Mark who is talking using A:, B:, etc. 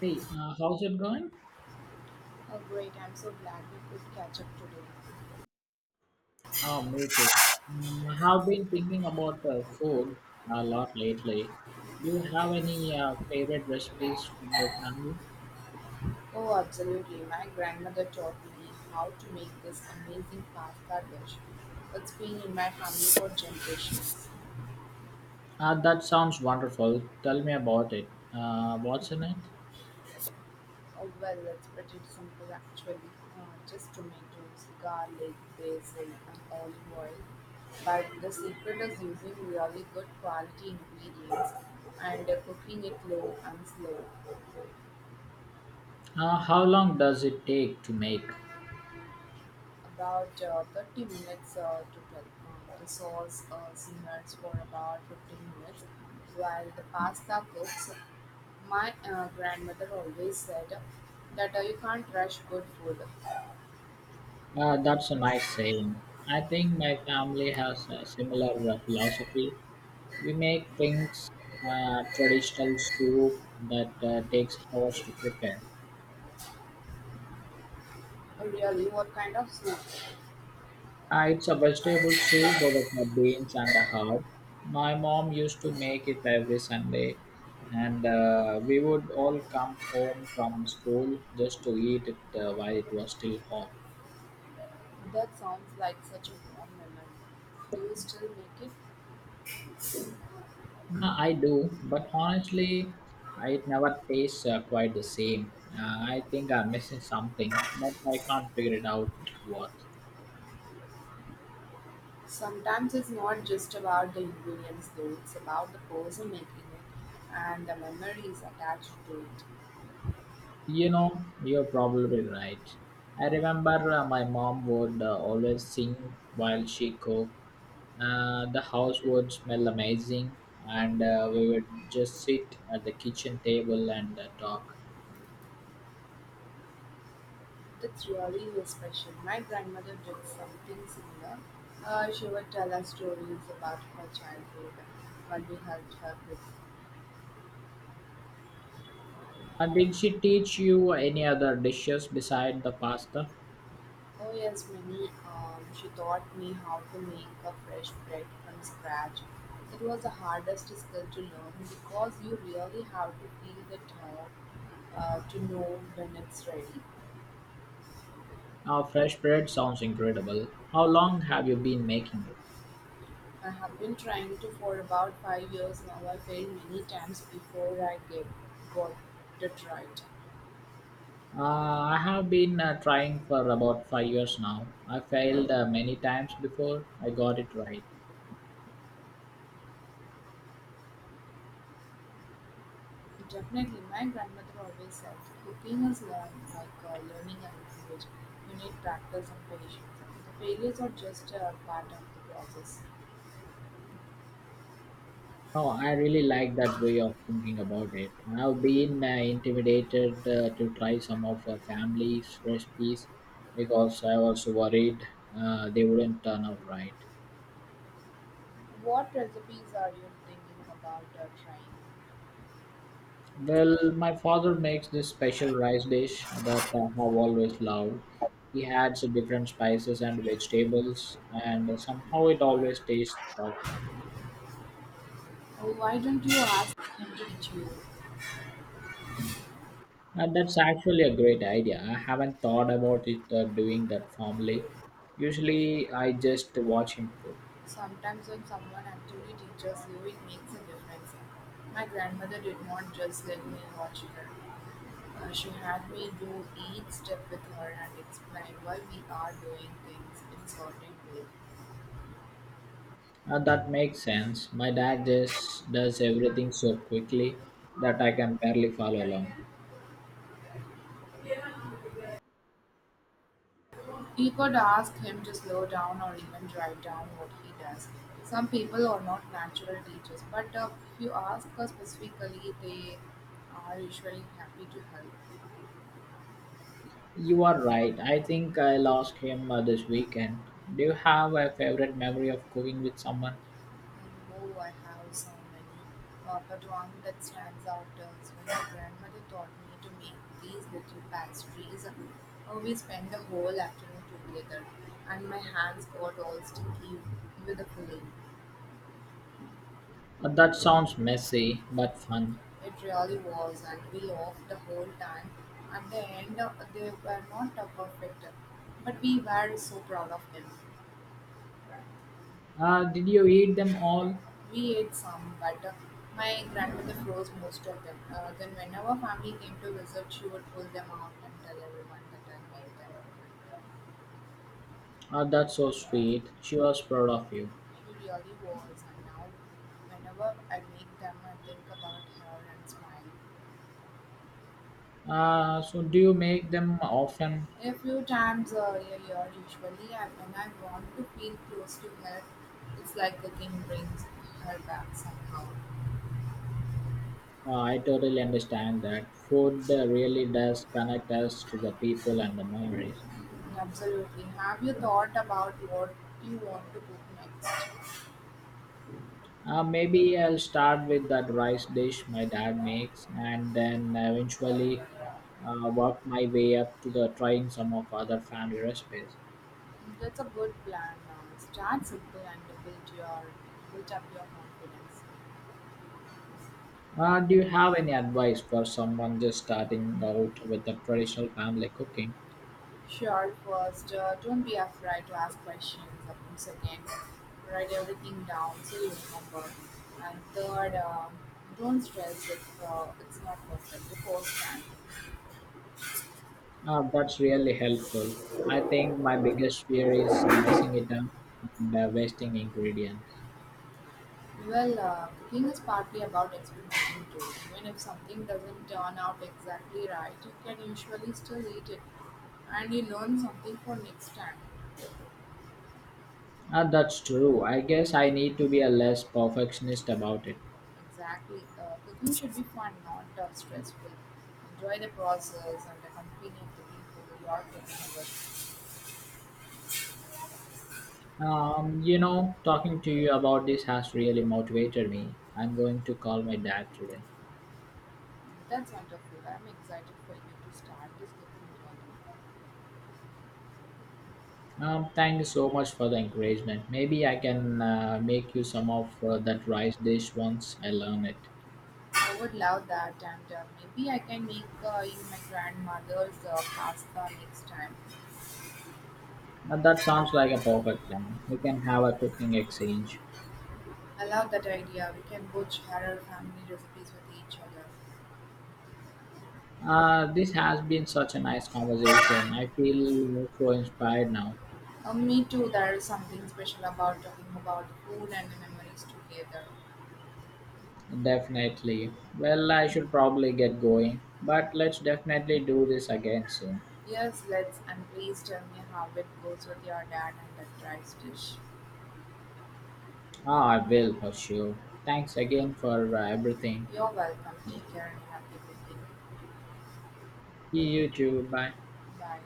A: Hey, how's it going?
B: Oh, great. I'm so glad we could catch up today.
A: Oh, me too. Mm, I have been thinking about food a lot lately. Do you have any favorite recipes from your family?
B: Oh, absolutely. My grandmother taught me how to make this amazing pasta dish. It's been in my family for generations.
A: That sounds wonderful. Tell me about it. What's in it?
B: Oh, well, it's pretty simple actually. Just tomatoes, garlic, basil, and olive oil. But the secret is using really good quality ingredients and cooking it low and slow.
A: How long does it take to make?
B: About 30 minutes to Um, the sauce simmers for about 15 minutes while the pasta cooks. My grandmother always said that you can't rush good food. Oh.
A: That's a nice saying. I think my family has a similar philosophy. We make things traditional soup that takes hours to prepare.
B: Really, what kind of soup?
A: It's a vegetable soup with beans and a herb. My mom used to make it every Sunday, and we would all come home from school just to eat it while it was still hot.
B: That sounds like such a warm memory. Do you still make it?
A: I do, but honestly, it never tastes quite the same. I think I'm missing something, but I can't figure it out what.
B: Sometimes it's not just about the ingredients though, it's about the person making it and the memories attached to it.
A: You know, you're probably right. I remember my mom would always sing while she cooked. The house would smell amazing, and we would just sit at the kitchen table and talk.
B: That's really so special. My grandmother did something similar. She would tell us stories about her childhood when we helped her with.
A: Did she teach you any other dishes beside the pasta?
B: Oh yes, Minnie, she taught me how to make a fresh bread from scratch. It was the hardest skill to learn because you really have to feel the dough to know when it's ready.
A: Fresh bread sounds incredible. How long have you been making it?
B: I have been trying to for about 5 years now. I failed many times before I gave got it right.
A: Uh, I have been trying for about 5 years now. I failed many times before I got it right.
B: Definitely, my grandmother always said, cooking is learned like learning a language. You need practice and patience. The failures are just a part of the process.
A: Oh, I really like that way of thinking about it. I've been intimidated to try some of family's recipes because I was worried they wouldn't turn out right.
B: What recipes are you thinking about or trying?
A: Well, my father makes this special rice dish that I have always loved. He adds different spices and vegetables, and somehow it always tastes perfect.
B: Oh, why don't you ask him to teach you?
A: And that's actually a great idea. I haven't thought about it doing that formally. Usually, I just watch him cook.
B: Sometimes when someone actually teaches you, it makes a difference. My grandmother did not just let me watch her. She had me do each step with her and explain why we are doing things in certain way.
A: That makes sense. My dad just does everything so quickly that I can barely follow along.
B: You could ask him to slow down or even write down what he does. Some people are not natural teachers, but if you ask us specifically, they are usually happy to help.
A: You are right. I think I lost him this weekend. Do you have a favorite memory of cooking with someone?
B: And Oh, I have so many. But one that stands out is when my grandmother taught me to make these little pastries. We spent the whole afternoon together, and my hands got all sticky with the filling.
A: That sounds messy but fun.
B: It really was, and we laughed the whole time. At the end, they were not perfect, but we were so proud of them.
A: Did you eat them all?
B: We ate some, but my grandmother froze most of them. Then, whenever family came to visit, she would pull them out and tell everyone that I made them.
A: That's so sweet. She was proud of you.
B: She really was, and now, whenever I make them, I think about her and smile.
A: So, do you make them often?
B: A few times a year, usually, when I want to feel close to her, it's like the king brings her back somehow.
A: I totally understand that. Food really does connect us to the people and the memories.
B: Absolutely. Have you thought about what you want to cook next?
A: Maybe I'll start with that rice dish my dad makes and then eventually work my way up to the trying some of other family recipes.
B: That's a good plan. Now, start simple and build up your confidence.
A: Do you have any advice for someone just starting out with the traditional family cooking?
B: Sure, first, don't be afraid to ask questions. Second, write everything down so you remember. And third, don't stress if it's not perfect the first time.
A: That's really helpful. I think my biggest fear is messing it up and wasting ingredients.
B: Well, cooking is partly about experimenting too. Even if something doesn't turn out exactly right, you can usually still eat it and you learn something for next time.
A: That's true. I guess I need to be a less perfectionist about it.
B: Exactly. Cooking should be fun, not stressful. Enjoy the process and accompany the people you are cooking with.
A: You know, talking to you about this has really motivated me. I'm going to call my dad today.
B: That's wonderful. I'm excited for you to start this cooking journey.
A: Thank you so much for the encouragement. Maybe I can make you some of that rice dish once I learn it.
B: I would love that, and maybe I can make you my grandmother's pasta next time.
A: That sounds like a perfect plan. We can have a cooking exchange.
B: I love that idea. We can both share our family recipes with each other.
A: This has been such a nice conversation. I feel so inspired now.
B: Me too. There is something special about talking about food and the memories together.
A: Definitely. Well, I should probably get going, but let's definitely do this again soon.
B: Yes, let's. And please tell me how it goes with your dad and that rice dish.
A: Ah, I will for sure. Thanks again for everything.
B: You're welcome. Take care and happy cooking.
A: See you too. Bye.
B: Bye.